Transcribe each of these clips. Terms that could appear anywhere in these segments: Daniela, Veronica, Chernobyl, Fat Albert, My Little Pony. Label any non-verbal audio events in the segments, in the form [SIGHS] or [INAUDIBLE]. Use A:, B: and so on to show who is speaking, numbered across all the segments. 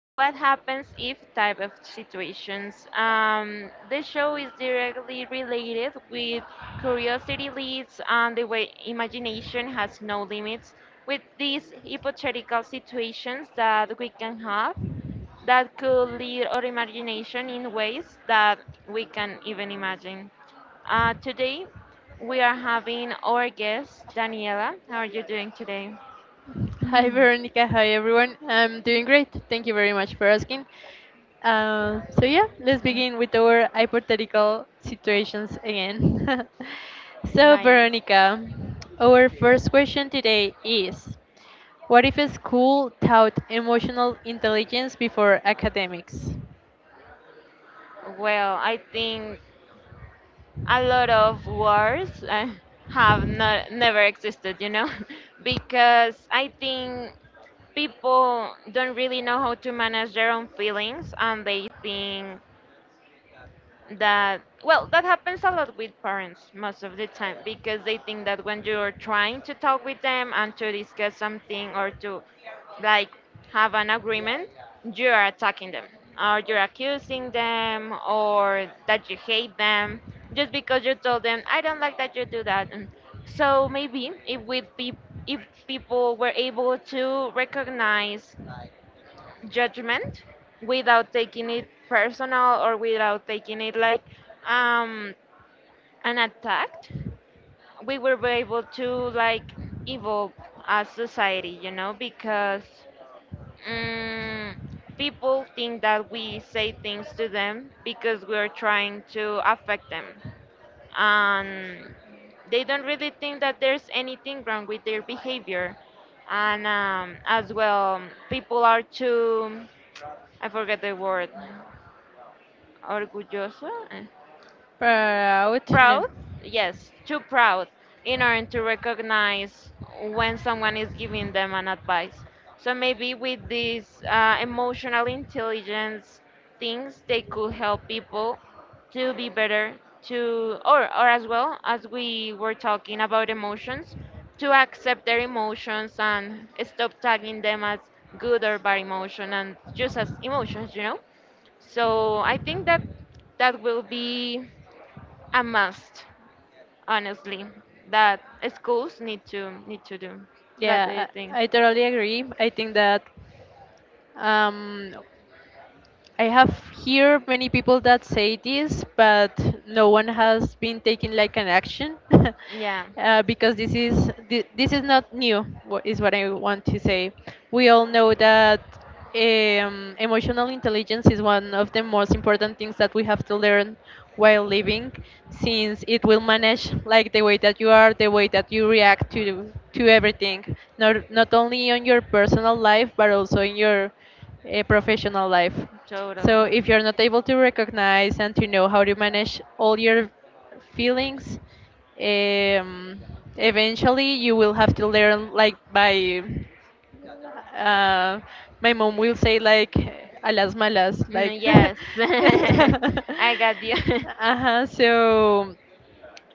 A: what happens if type of situations. This show is directly related with curiosity leads and the way imagination has no limits with these hypothetical situations that we can have that could lead our imagination in ways that we can even imagine. Today, we are having our guest, Daniela. How are you doing today?
B: Hi
A: Mm,
B: Veronica, hi everyone. I'm doing great. Thank you very much for asking. So yeah, let's begin with our hypothetical situations again. [LAUGHS] So
A: nice.
B: Veronica, our first question today is: What if a school taught emotional intelligence before academics?
A: Well, I think a lot of wars have not, never existed, you know, [LAUGHS] because I think people don't really know how to manage their own feelings, and they think that, well, that happens a lot with parents most of the time because they think that when you're trying to talk with them and to discuss something or to, like, have an agreement, you're attacking them or you're accusing them or that you hate them just because you told them I don't like that you do that. And so maybe if people were able to recognize judgment without taking it personal or without taking it like um, an attack, we were able to, like, evolve as society, you know, because mm people think that we say things to them because we're trying to affect them. And they don't really think that there's anything wrong with their behavior. And, as well, people are too, I forget the word, orgulloso, eh,
B: Proud?
A: proud,
B: No.
A: yes, too proud in order to recognize when someone is giving them an advice. So maybe with these emotional intelligence things, they could help people to be better to or as well as we were talking about emotions to accept their emotions and stop tagging them as good or bad emotion and just as emotions, you know. So I think that that will be a must, honestly, that schools need to do. What do you
B: Yeah,
A: think?
B: I totally agree. I think that um, I have hear many people that say this, but no one has been taking like an action.
A: Yeah.
B: [LAUGHS] Because this is this is not new. What is what I want to say. We all know that emotional intelligence is one of the most important things that we have to learn while living, since it will manage like the way that you are, the way that you react to everything, not only on your personal life but also in your professional life.
A: Totally.
B: So if you're not able to recognize and to know how to manage all your feelings, um, eventually you will have to learn like by uh, my mom will say like a las malas
A: Mm,
B: like
A: yes,
B: [LAUGHS]
A: [LAUGHS] I got you. [LAUGHS]
B: uh-huh, so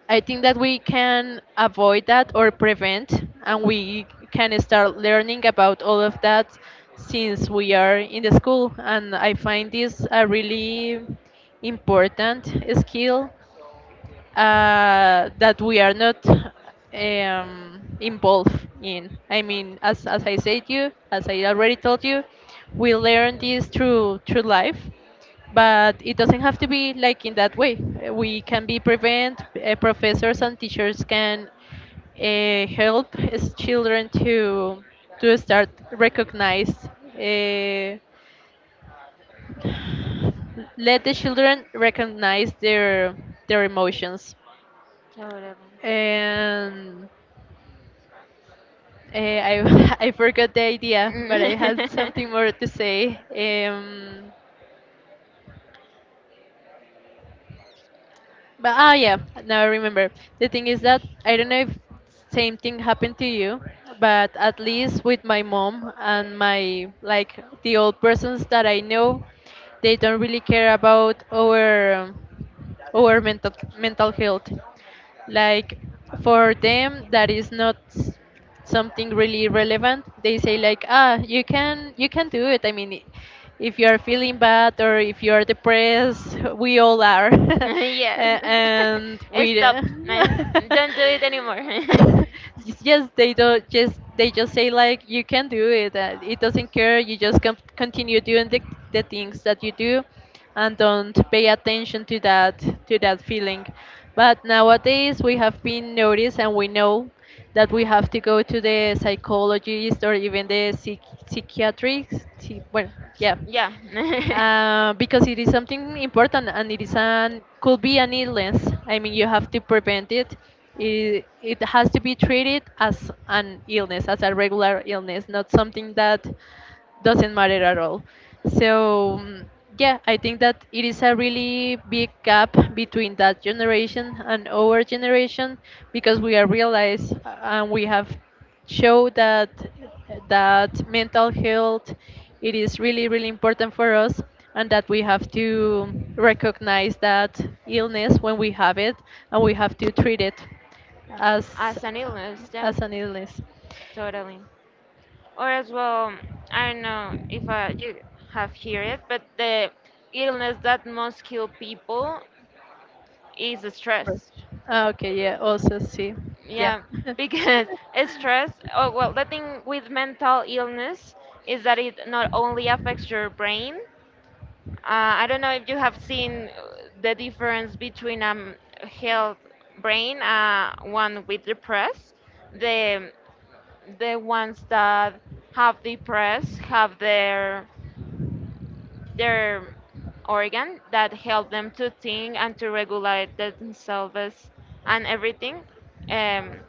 B: I think that we can avoid that or prevent, and we can start learning about all of that since we are in the school. And I find this a really important skill that we are not involved in. I mean, as I said you, as I already told you, we learn this through life, but it doesn't have to be like in that way. We can be prevent. Professors and teachers can help as children to start recognize. Uh, Let the children recognize their emotions
A: Totally.
B: and I [LAUGHS] I forgot the idea, but I had something more to say. Um, But ah yeah, now I remember. The thing is that I don't know if same thing happened to you, but at least with my mom and my like the old persons that I know, they don't really care about our mental mental health. Like for them that is not something really relevant. They say like ah you can do it. I mean if you are feeling bad or if you are depressed, we all are. [LAUGHS]
A: Mm. [LAUGHS] yes.
B: And
A: [LAUGHS]
B: we
A: Stop.
B: [LAUGHS]
A: Uh, Don't do it anymore.
B: yes, they don't just they just say like you can do it. It doesn't care. You just continue doing the things that you do, and don't pay attention to
A: [LAUGHS]
B: that feeling. But nowadays we have been noticed and we know that we have to go to the psychologist or even the psychiatrist. Psy- Well, yeah,
A: Yeah. [LAUGHS]
B: because it is something important and it is an could be an illness. I mean, you have to prevent it. It has to be treated as an illness, as a regular illness, not something that doesn't matter at all. So yeah, I think that it is a really big gap between that generation and our generation because we are realized and we have show that that mental health it is really really important for us and that we have to recognize that illness when we have it and we have to treat it as
A: As an illness, yeah,
B: as an illness.
A: totally. Or as well, I don't know if you have heard it, but the illness that most kill people is stress.
B: Ah, okay, yeah, also see. Yeah.
A: Yeah, because [LAUGHS] stress, oh, well, the thing with mental illness is that it not only affects your brain. I don't know if you have seen the difference between a health brain, one with depressed. The the ones that have depressed have their organ that help them to think and to regulate themselves and everything. Um,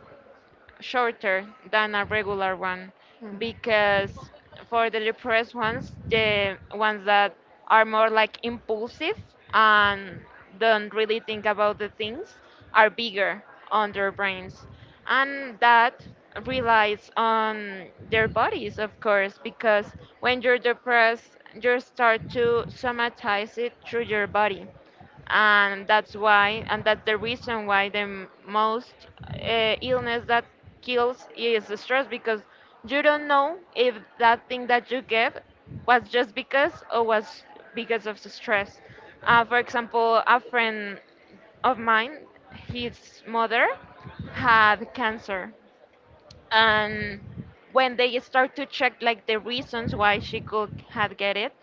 A: Shorter than a
B: [LAUGHS]
A: regular one because for the depressed ones, the ones that are more like impulsive and don't really think about the things are bigger on their brains. And that relies on their bodies, of course, because when you're depressed, you start to somatize it through your body. And that's why, and that's the reason why the most illness that kills is stress, because you don't know if that thing that you get was just because or was because of the stress. For example, a friend of mine, his mother had cancer. And when they start to check like the reasons why she could had get it,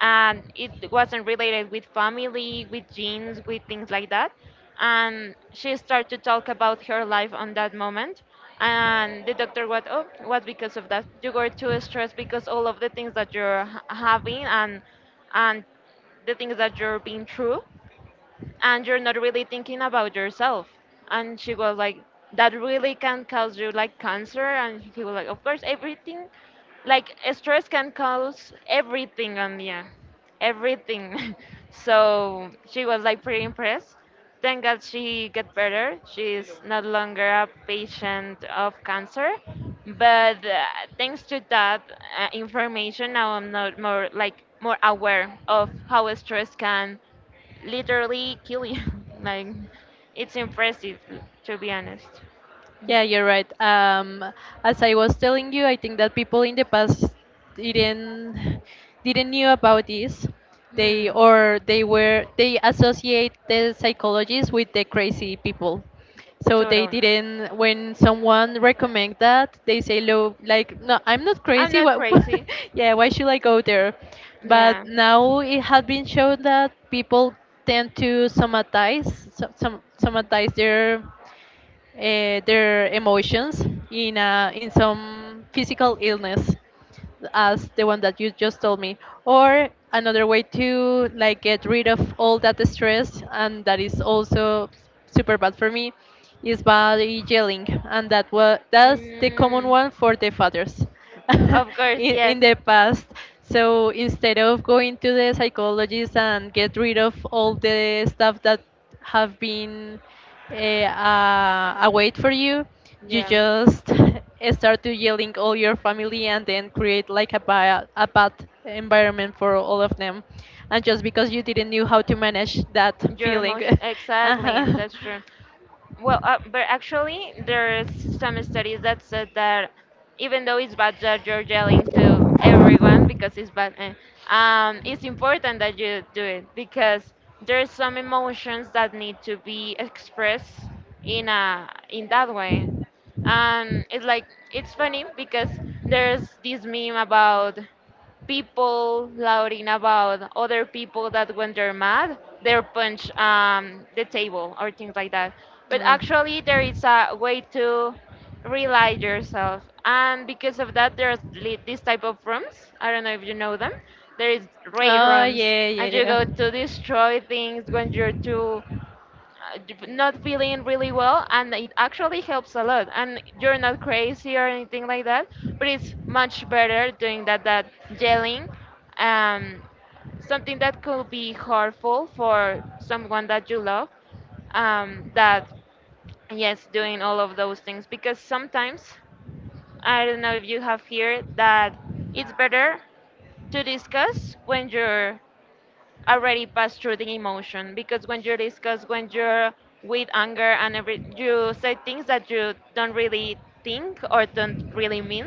A: and it wasn't related with family, with genes, with things like that, and she started to talk about her life on that moment, and the doctor was, oh, what, because of that you were too stressed because all of the things that you're having, and the things that you're being through, and you're not really thinking about yourself. And she was like, that really can cause you, like, cancer. And he was like, of course, everything, like stress can cause everything on the end, everything. [LAUGHS] So she was like pretty impressed. Thank God she get better. She's no longer a patient of cancer. But thanks to that information, now I'm not more like more aware of how stress can literally kill you. [LAUGHS] Like, it's impressive, to be honest.
B: Yeah, you're right. As I was telling you, I think that people in the past didn't didn't knew about this. They
A: Hmm,
B: or they were they associate the psychologists with the crazy people. So they
A: totally.
B: didn't when someone recommend that they say low like no I'm not
A: I'm
B: crazy
A: not
B: what.
A: crazy.
B: [LAUGHS] Yeah, why should I go there? But
A: Yeah.
B: now it has been shown that people tend to somatize some somatize uh, their emotions in, a, in some physical illness as the one that you just told me or another way to like get rid of all that stress and that is also super bad for me is by yelling and that's the common
A: Mm,
B: one for the fathers [LAUGHS]
A: of course, yes.
B: in the past. So instead of going to the psychologist and get rid of all the stuff that have been a weight for you you
A: Yeah.
B: just [LAUGHS] start to yelling all your family and then create like a bad environment for all of them and just because you didn't know how to manage that
A: Your
B: feeling.
A: emotion.
B: [LAUGHS]
A: Exactly.
B: Uh-huh.
A: That's true. Well, but actually, there's some studies that said that even though it's bad that you're yelling to everyone because it's bad, eh, it's important that you do it because there's some emotions that need to be expressed in a in that way. And it's like it's funny because there's this meme about people louding about other people that when they're mad they punch the table or things like that. But actually there is a way to realize yourself, and because of that there's this type of rooms, I don't know if you know them, there is raid
B: Oh
A: rooms.
B: yeah,
A: And you
B: yeah,
A: go to destroy things when you're too not feeling really well, and it actually helps a lot, and you're not crazy
B: yeah.
A: or anything like that. But it's much better doing that that yelling um, something that could be harmful for someone that you love, that, yes, doing all of those things. Because sometimes, I don't know if you have here that, it's better to discuss when you're already passed through the emotion, because when you're discussed, when you're with anger and every, you say things that you don't really think or don't really mean.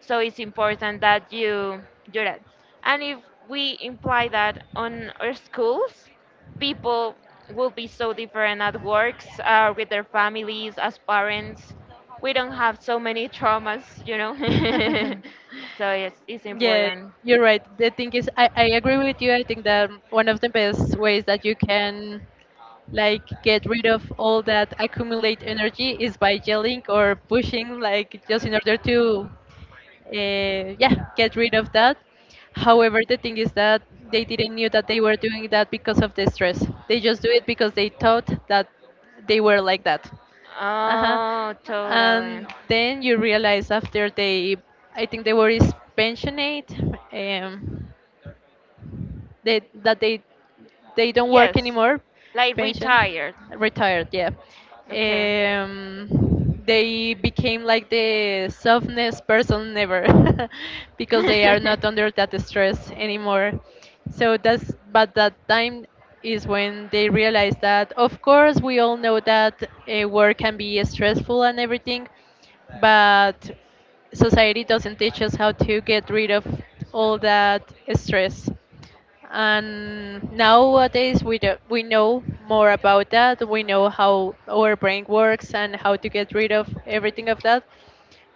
A: So it's important that you do that. And if we imply that on our schools, people will be so different at works, with their families, as parents. We don't have so many traumas, you know.
B: [LAUGHS]
A: [LAUGHS] So yes, it's
B: Yeah,
A: important.
B: you're right. The thing is, I agree with you. I think that one of the best ways that you can like get rid of all that accumulate energy is by yelling or pushing, like just in order to uh, yeah, get rid of that. However, the thing is that they didn't knew that they were doing that because of the stress. They just do it because they thought that they were like that. Uh-huh.
A: Oh, totally.
B: And then you realize after they, I think they were is pensionate. Um, they that they don't work
A: Yes,
B: anymore.
A: like
B: Pension
A: retired.
B: retired yeah.
A: Okay.
B: They became like the softness person never. [LAUGHS] Because they are not
A: [LAUGHS] [LAUGHS]
B: under that stress anymore, so that's but that time is when they realize that of course we all know that work can be stressful and everything, but society doesn't teach us how to get rid of all that stress. And nowadays, we do, we know more about that. We know how our brain works and how to get rid of everything of that.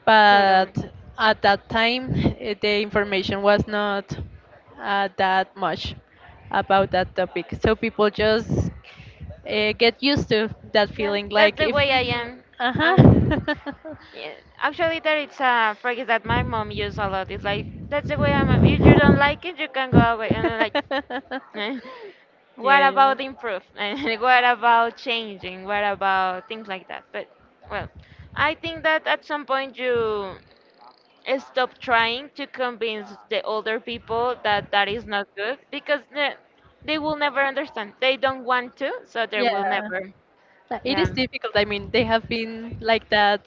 B: But
A: Totally.
B: at that time, eh, the information was not that much about that topic. So people just get used to that
A: Yeah,
B: feeling,
A: that's
B: like
A: the
B: if,
A: way I am.
B: uh
A: I'm
B: huh.
A: yeah, Actually, there it's a phrase that my mom used a lot. It's like, that's the way I'm. If you don't like it, you can go away. And I'm like,
B: [LAUGHS]
A: [LAUGHS] "Eh,
B: [LAUGHS]
A: what
B: Yeah, yeah.
A: about improve? [LAUGHS] And what about changing? What about things like that?" But, well, I think that at some point you stop trying to convince the older people that that is not good, because they will never understand. They don't want to, so they will
B: Yeah.
A: never.
B: Like, it
A: Yeah.
B: is difficult. I mean, they have been like that.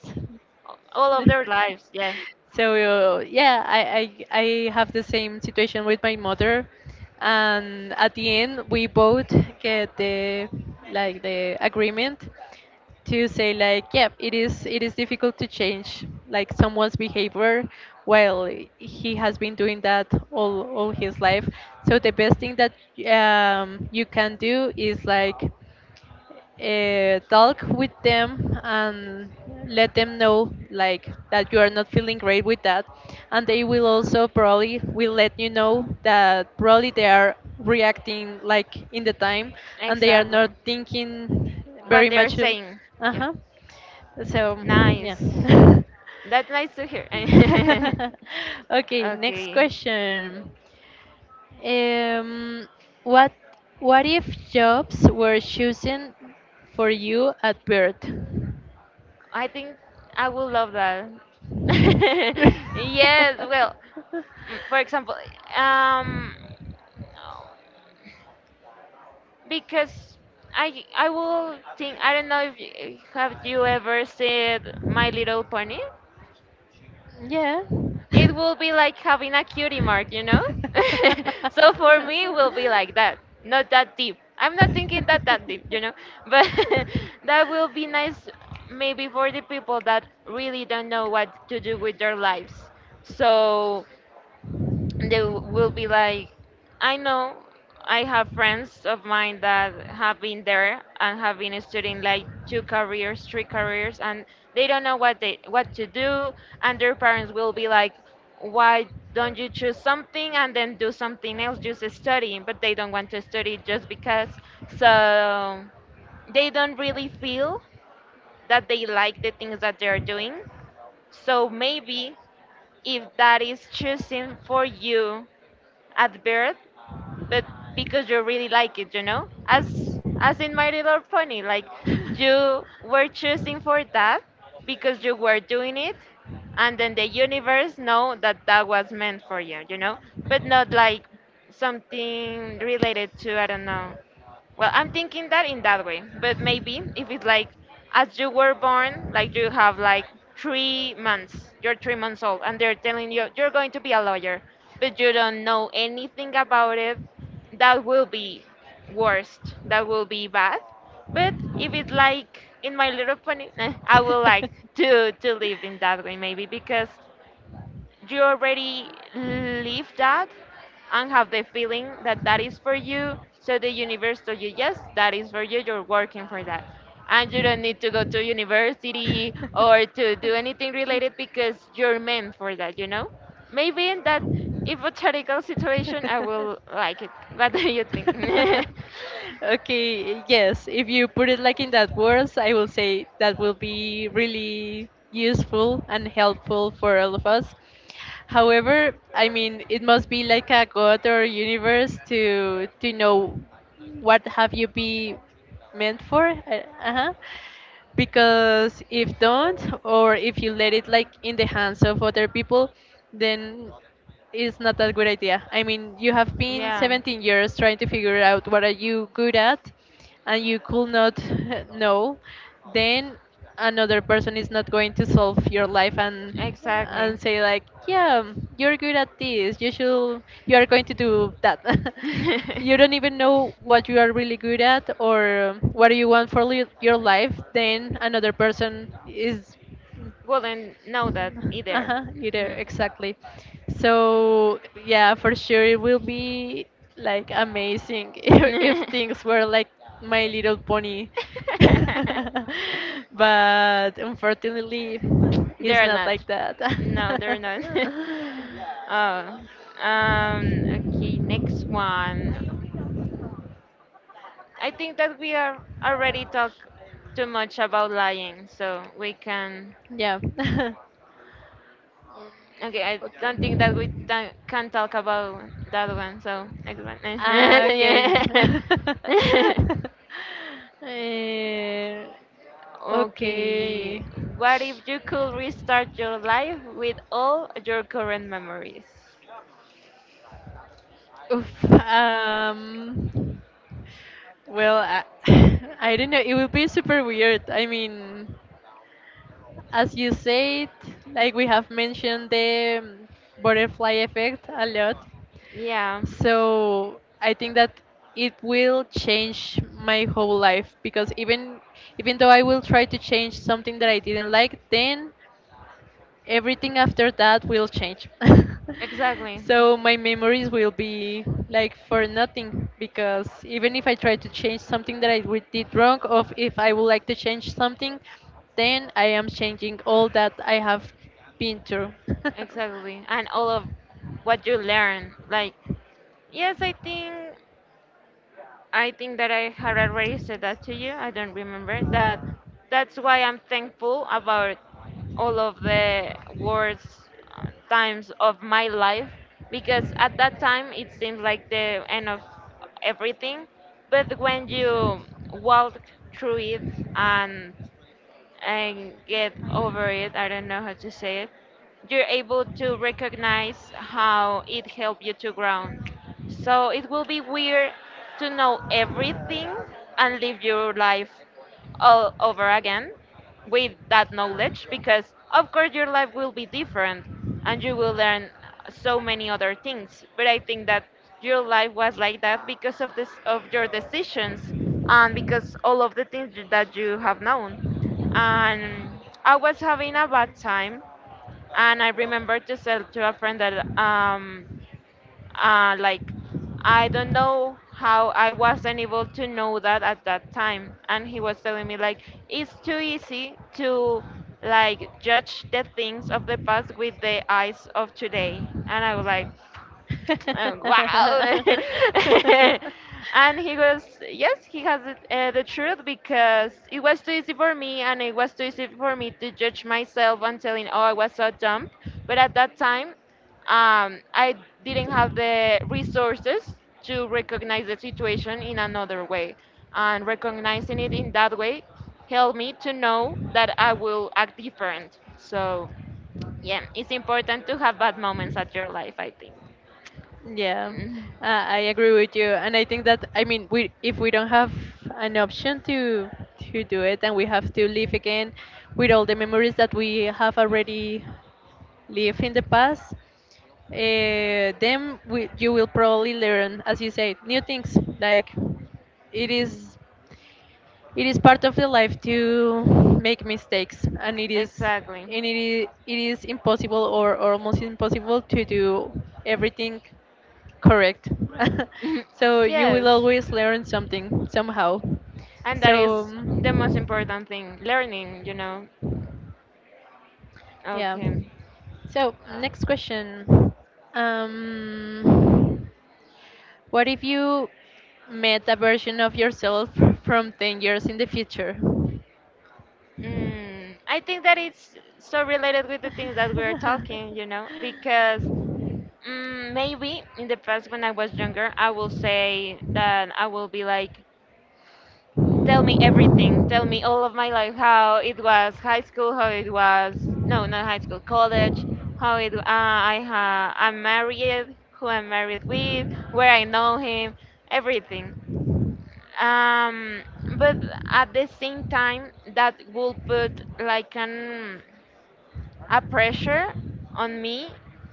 A: All of their lives. Yeah,
B: So, yeah, I have the same situation with my mother. And at the end, we both get the like the agreement to say like yeah it is difficult to change like someone's behavior while he has been doing that all his life. So the best thing that you can do is like talk with them and let them know like that you are not feeling great with that, and they will also probably will let you know that probably they are reacting like in the time and they are
A: exactly.
B: not thinking
A: What
B: very
A: they're
B: much,
A: saying. Yeah.
B: huh, so yeah.
A: Nice.
B: Yeah.
A: That's nice to hear. [LAUGHS]
B: [LAUGHS] [LAUGHS] Okay, next
A: Okay.
B: question. um, what what if jobs were chosen for you at birth?
A: I think I would love that. [LAUGHS] Yes, well,
B: [LAUGHS]
A: mm, for example, um, because I will think, I don't know if you, have you ever seen My Little Pony?
B: Yeah.
A: It will be like having a cutie mark, you know? [LAUGHS] So for me, it will be like that, not that deep. I'm not thinking that that deep, you know? But [LAUGHS] that will be nice, maybe for the people that really don't know what to do with their lives. So they will be like, I know, I have friends of mine that have been there and have been studying like two careers, three careers, and they don't know what they what to do. And their parents will be like, why don't you choose something and then do something else, just studying? But they don't want to study just because, so they don't really feel that they like the things that they're doing. So maybe if that is choosing for you at birth, but because you really like it, you know? As in My Little Pony, like you were choosing for that because you were doing it, and then the universe know that that was meant for you, you know? But not like something related to,
B: [LAUGHS]
A: I don't know, well, I'm thinking that in that way, but maybe if it's like as you were born, like you have like 3 months, you're 3 months old, and they're telling you you're going to be a lawyer, but you don't know anything about it, that will be worst, that will be bad. But if it's like in My Little Pony, [LAUGHS] eh, I would like to live in that way maybe because you already live that and have the feeling that that is for you. So the universe told you, yes, that is for you. You're working for that. And you don't need to go to university or to do anything related because you're meant for that, you know? Maybe in that hypothetical situation, I will like it. [LAUGHS] What do you think?
B: [LAUGHS] Okay, yes, if you put it like in that words, I will say that will be really useful and helpful for all of us. However, I mean, it must be like a god or universe to know what have you be meant for. Uh huh. Because if don't or if you let it like in the hands of other people, then it's not a good idea. I mean, you have
A: [LAUGHS]
B: been
A: Yeah.
B: 17 years trying to figure out what are you good at, and you could not [LAUGHS] know, then another person is not going to solve your life
A: Exactly.
B: and say like, yeah, you're good at this. You should. You are going to do that. [LAUGHS]
A: [LAUGHS]
B: You don't even know what you are really good at or what you want for your
A: Wouldn't
B: life. Then another person is
A: know that either.
B: uh-huh, either exactly. So yeah, for sure it will be
A: Mm.
B: like amazing [LAUGHS] if things were like My Little Pony.
A: [LAUGHS]
B: [LAUGHS]
A: [LAUGHS]
B: But unfortunately, it's
A: They're
B: not
A: not.
B: like that.
A: No, they're
B: [LAUGHS]
A: not. [LAUGHS] Oh. Okay, next one. I think that we are already talk too much about lying, so we can.
B: Yeah.
A: Okay, I
B: [LAUGHS] Okay.
A: don't think that we can talk about that one. So next one. [LAUGHS]
B: Ah, okay.
A: Yeah. [LAUGHS]
B: [LAUGHS] Eh,
A: Okay,
B: okay.
A: what if you could restart your life with all your current memories?
B: Oof. Well, I, [LAUGHS] I don't know. It would be super weird. I mean, as you said, like we have mentioned the butterfly effect a lot.
A: Yeah,
B: So I think that it will change my whole life because even though I will try to change something that I didn't like, then everything after that will change. [LAUGHS]
A: exactly.
B: So my memories will be like for nothing because even if I try to change something that I did wrong, or if I would like to change something, then I am changing all that I have been through.
A: Exactly. And all of what you learn. Like, yes, I think that I had already said that to you. I don't remember that. That's why I'm thankful about all of the worst times of my life because at that time it seemed like the end of everything. But when you walk through it and and get over it. I don't know how to say it. You're able to recognize how it helped you to ground. So it will be weird to know everything and live your life all over again with that knowledge because of course your life will be different and you will learn so many other things, but I think that your life was like that because of this, of your decisions, and because all of the things that you have known. And I was having a bad time. And I remember to tell to a friend that uh like I don't know how I wasn't able to know that at that time. And he was telling me like it's too easy to like judge the things of the past with the eyes of today. And I was like wow. [LAUGHS] And he goes, yes, he has it, the truth, because it was too easy for me, and it was too easy for me to judge myself and telling, oh, I was so dumb. But at
B: [LAUGHS]
A: that time, I didn't have the resources to recognize the situation in another way. And recognizing it in that way helped me to know that I will act different. So, yeah, it's important to have bad moments at your life, I
B: Yeah,
A: think. [LAUGHS]
B: I agree with you, and I think that I mean, we if we don't have an option to do it, and we have to live again with all the memories that we have already lived in the past, then we, you will probably learn, as you say, new things. Like it
A: Mhm.
B: is it is part of the life to make mistakes
A: Exactly. [LAUGHS]
B: and it is impossible or almost impossible to do everything correct. [LAUGHS]
A: Mhm.
B: So you will
A: Yes.
B: always learn something somehow.
A: And that
B: So
A: is the most important thing, learning, you know.
B: yeah,
A: Okay.
B: so
A: Uh,
B: next question. um what if you met a version of yourself from 10 years in the future?
A: mm, I think that it's so related with the things that we're talking, you know, because mm, maybe in the past when I was younger, I will say that I will be like, tell me everything. Tell me all of my life, how it was high school, how it was, no, not high school, college, how it I'm married, who I'm married with, where I know him, everything. Um, but at the same time, that will put like an a pressure on me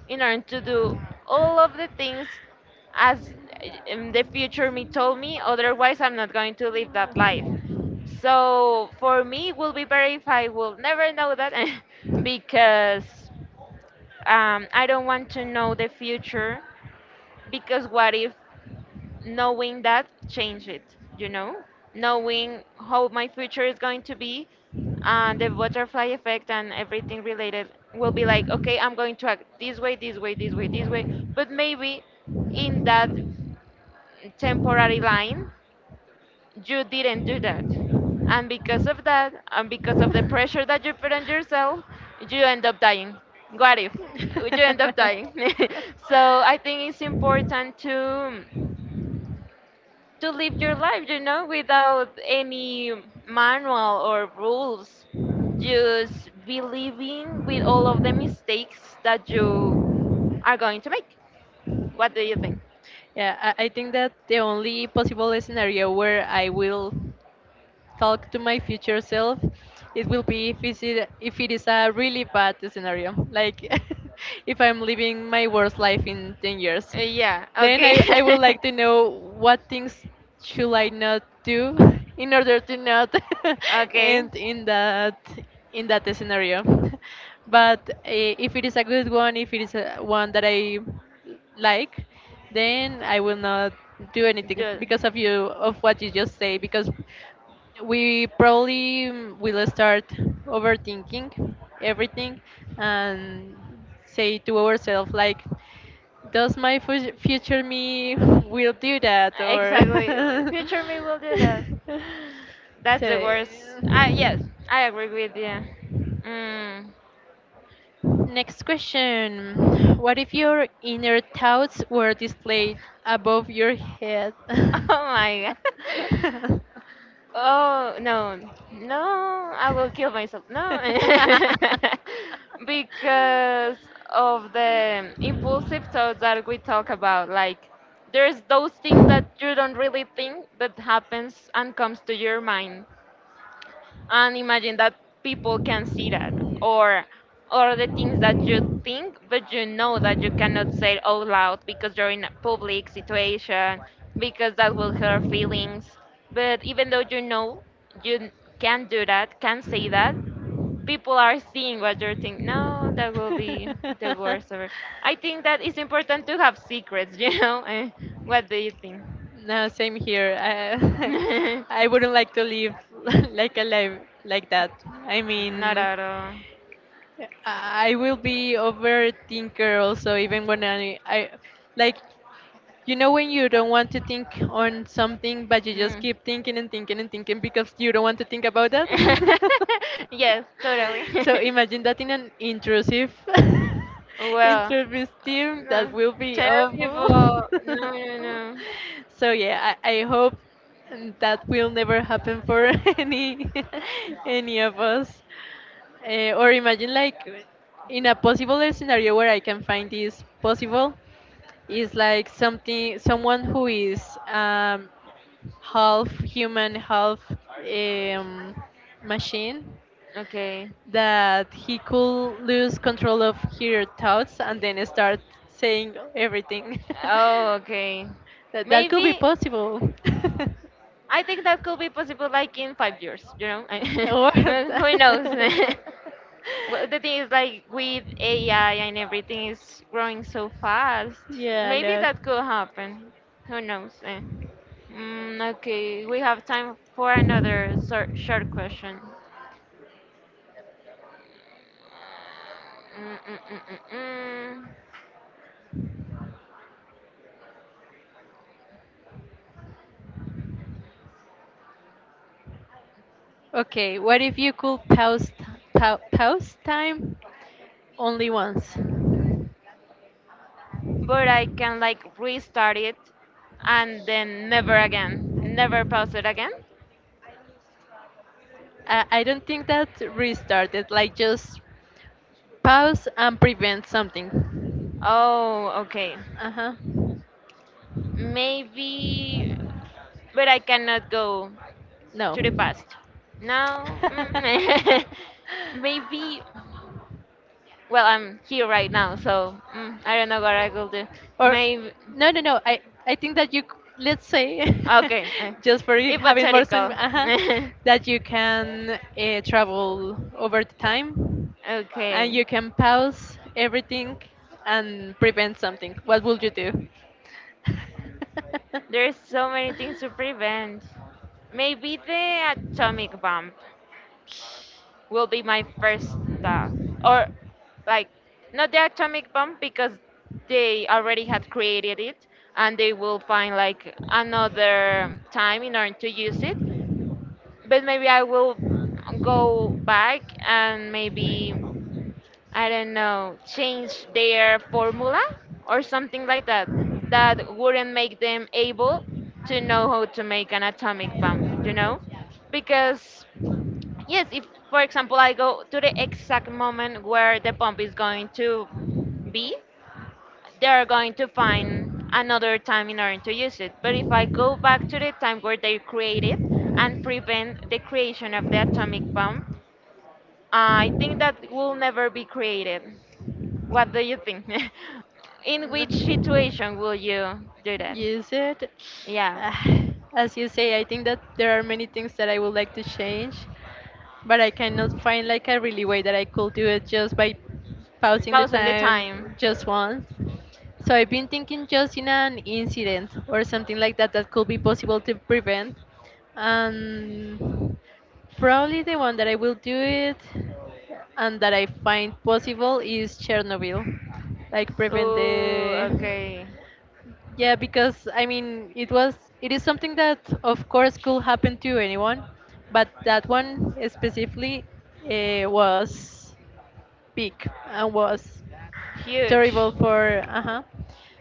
A: in order to do all of the things as in the future me told me, otherwise I'm not going to live that life. So for me it will be better if I will never know that. [LAUGHS] Because I don't want to know the future, because what if knowing that change it, you know, knowing how my future is going to be, and the butterfly effect and everything related, will be like,
B: [LAUGHS]
A: okay, I'm going to act this way, this way, this way, this way. But maybe in that temporary line you didn't do that, and because of that and because of the pressure that you put on yourself, you end up dying. What if you end up dying? [LAUGHS] So I think it's important to live your life, you know, without any manual or rules. Just be living with all of the mistakes that you are going to make. What do you think?
B: Yeah, I think that the only possible scenario where I will talk to my future self, it will be if it's it, if it is a really bad scenario, like [LAUGHS] if I'm living my worst life in 10 years.
A: Yeah,
B: Then
A: okay.
B: I would like to know what things should I not do [LAUGHS] in
A: [LAUGHS]
B: order to not [LAUGHS]
A: Okay.
B: end in that scenario. [LAUGHS] But if it is a good one, if it is a one that I like, then I will not do anything because of you of what you just say because we probably will start overthinking everything and say to ourselves like does my future me will do that or
A: Exactly. Future me will do that.
B: [LAUGHS]
A: That's the
B: so
A: worst. I, yes, I agree with you. Mm.
B: next question. What if your inner thoughts were displayed above your head?
A: [LAUGHS] Oh my god. [LAUGHS]
B: [LAUGHS]
A: Oh no, no! I will kill myself. No, [LAUGHS] because of the impulsive thoughts that we talk about. Like there's those things that you don't really think that happens and comes to your mind, and imagine that people can see that, or or the things that you think but you know that you cannot say it out loud because you're in a public situation, because that will hurt feelings. But even though you know you can do that, can say that, people are seeing
B: [LAUGHS]
A: what you're thinking, no, that will be the worst ever. I think that it's important to have secrets. [LAUGHS] You know. Eh, what do you think?
B: No, same here. I, [LAUGHS] I
A: [LAUGHS]
B: wouldn't like to live [LAUGHS] like a life like that. I
A: Not
B: mean,
A: at all.
B: I will be overthinker also, even when I like. You know when you don't want to think on something, but you just
A: Mm.
B: keep thinking and thinking and thinking because you don't want to think about that? [LAUGHS]
A: [LAUGHS] Yes, totally.
B: So imagine
A: [LAUGHS]
B: that in an intrusive, [LAUGHS]
A: Well,
B: intrusive team, that
A: no,
B: will be awful.
A: terrible. No,
B: [LAUGHS]
A: no, no.
B: So yeah, I hope that will never happen for [LAUGHS] any any of us. Or imagine like in a possible scenario where I can find this possible is like something someone who is half human, half um, machine
A: Okay.
B: that he could lose control of her thoughts and then start saying everything.
A: Oh, okay.
B: [LAUGHS] That that could be
A: Maybe.
B: possible.
A: I think that could be possible, like in 5 years. You know,
B: [LAUGHS]
A: [LAUGHS] who
B: What? [LAUGHS]
A: knows? [LAUGHS] Well, the thing is, like, with AI and everything is growing so fast.
B: Yeah, a
A: Maybe
B: lot.
A: that could happen. Who knows? Eh. Mm, okay, we have time for another short question. Mm, mm, mm, mm, mm.
B: Okay, what if you could pause pause time only once?
A: But I can like restart it and then never again. Never pause it again?
B: I don't think that restarted. Like just pause and prevent something.
A: Oh, okay.
B: Uh huh.
A: Maybe, but I cannot go
B: No.
A: to the past. Now, mm, [LAUGHS]
B: [LAUGHS]
A: maybe. Well, I'm here right now, so mm, I don't know what I will do.
B: Or
A: Maybe.
B: no, no, no. I think that you let's say
A: Okay. Uh,
B: [LAUGHS] just for you having more song,
A: hypothetical. [LAUGHS]
B: that you can travel over the time and you
A: Okay.
B: can pause everything and prevent something. What would you do?
A: There's so many things to prevent. Maybe the atomic bomb will be my first, uh, or like not the atomic bomb, because they already had created
B: [LAUGHS]
A: it and they will find like another time in order to use it. But maybe I will go back and maybe, I don't know, change their formula or something like that, that wouldn't make them able to know how to make an atomic bomb, you know? Because yes, if for example I go to the exact moment where the bump is going to be, they are going to find another time in order to use it. But if I go back to the time where they created and prevent the creation of the atomic bomb, I think that will never be created. What do you think? [LAUGHS] In which situation will you do that?
B: Use it. [SIGHS]
A: Yeah,
B: Ah, as you say, I think that there are many things that I would like to change, but I cannot find like a really way that I could do it just by pausing the
A: pausing the
B: time
A: time.
B: just once. So I've been thinking just in an incident or something like that that could be possible to prevent. And probably the one that I will do it and that I find possible is Chernobyl. Like prevent
A: Ooh,
B: the
A: okay,
B: yeah, because I mean, it was it is something that of course could happen to anyone, but that one specifically was big and was terrible
A: huge.
B: for uh-huh.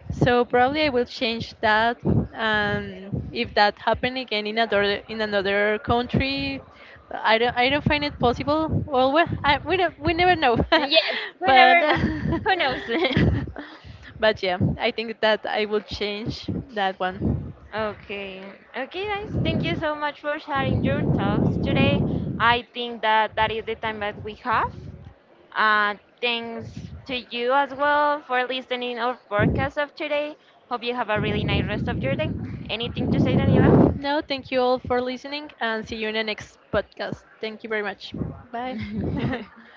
B: So probably I will change that, and if that happen again in another country, I don't I don't find it possible well, well I, we don't, we never know. [LAUGHS]
A: Yes, we
B: But
A: never know. Who knows? [LAUGHS]
B: [LAUGHS] but yeah I think that I will change that one.
A: Okay. Okay, guys. Thank you so much for sharing your thoughts today. I think that that is the time that we have. Uh, thanks to you as well for listening our podcast of today. Hope you have a really nice rest of your day. Anything to say, Daniela?
B: No, thank you all for listening and see you in the next podcast. Thank you very much. Bye. [LAUGHS]
A: [LAUGHS]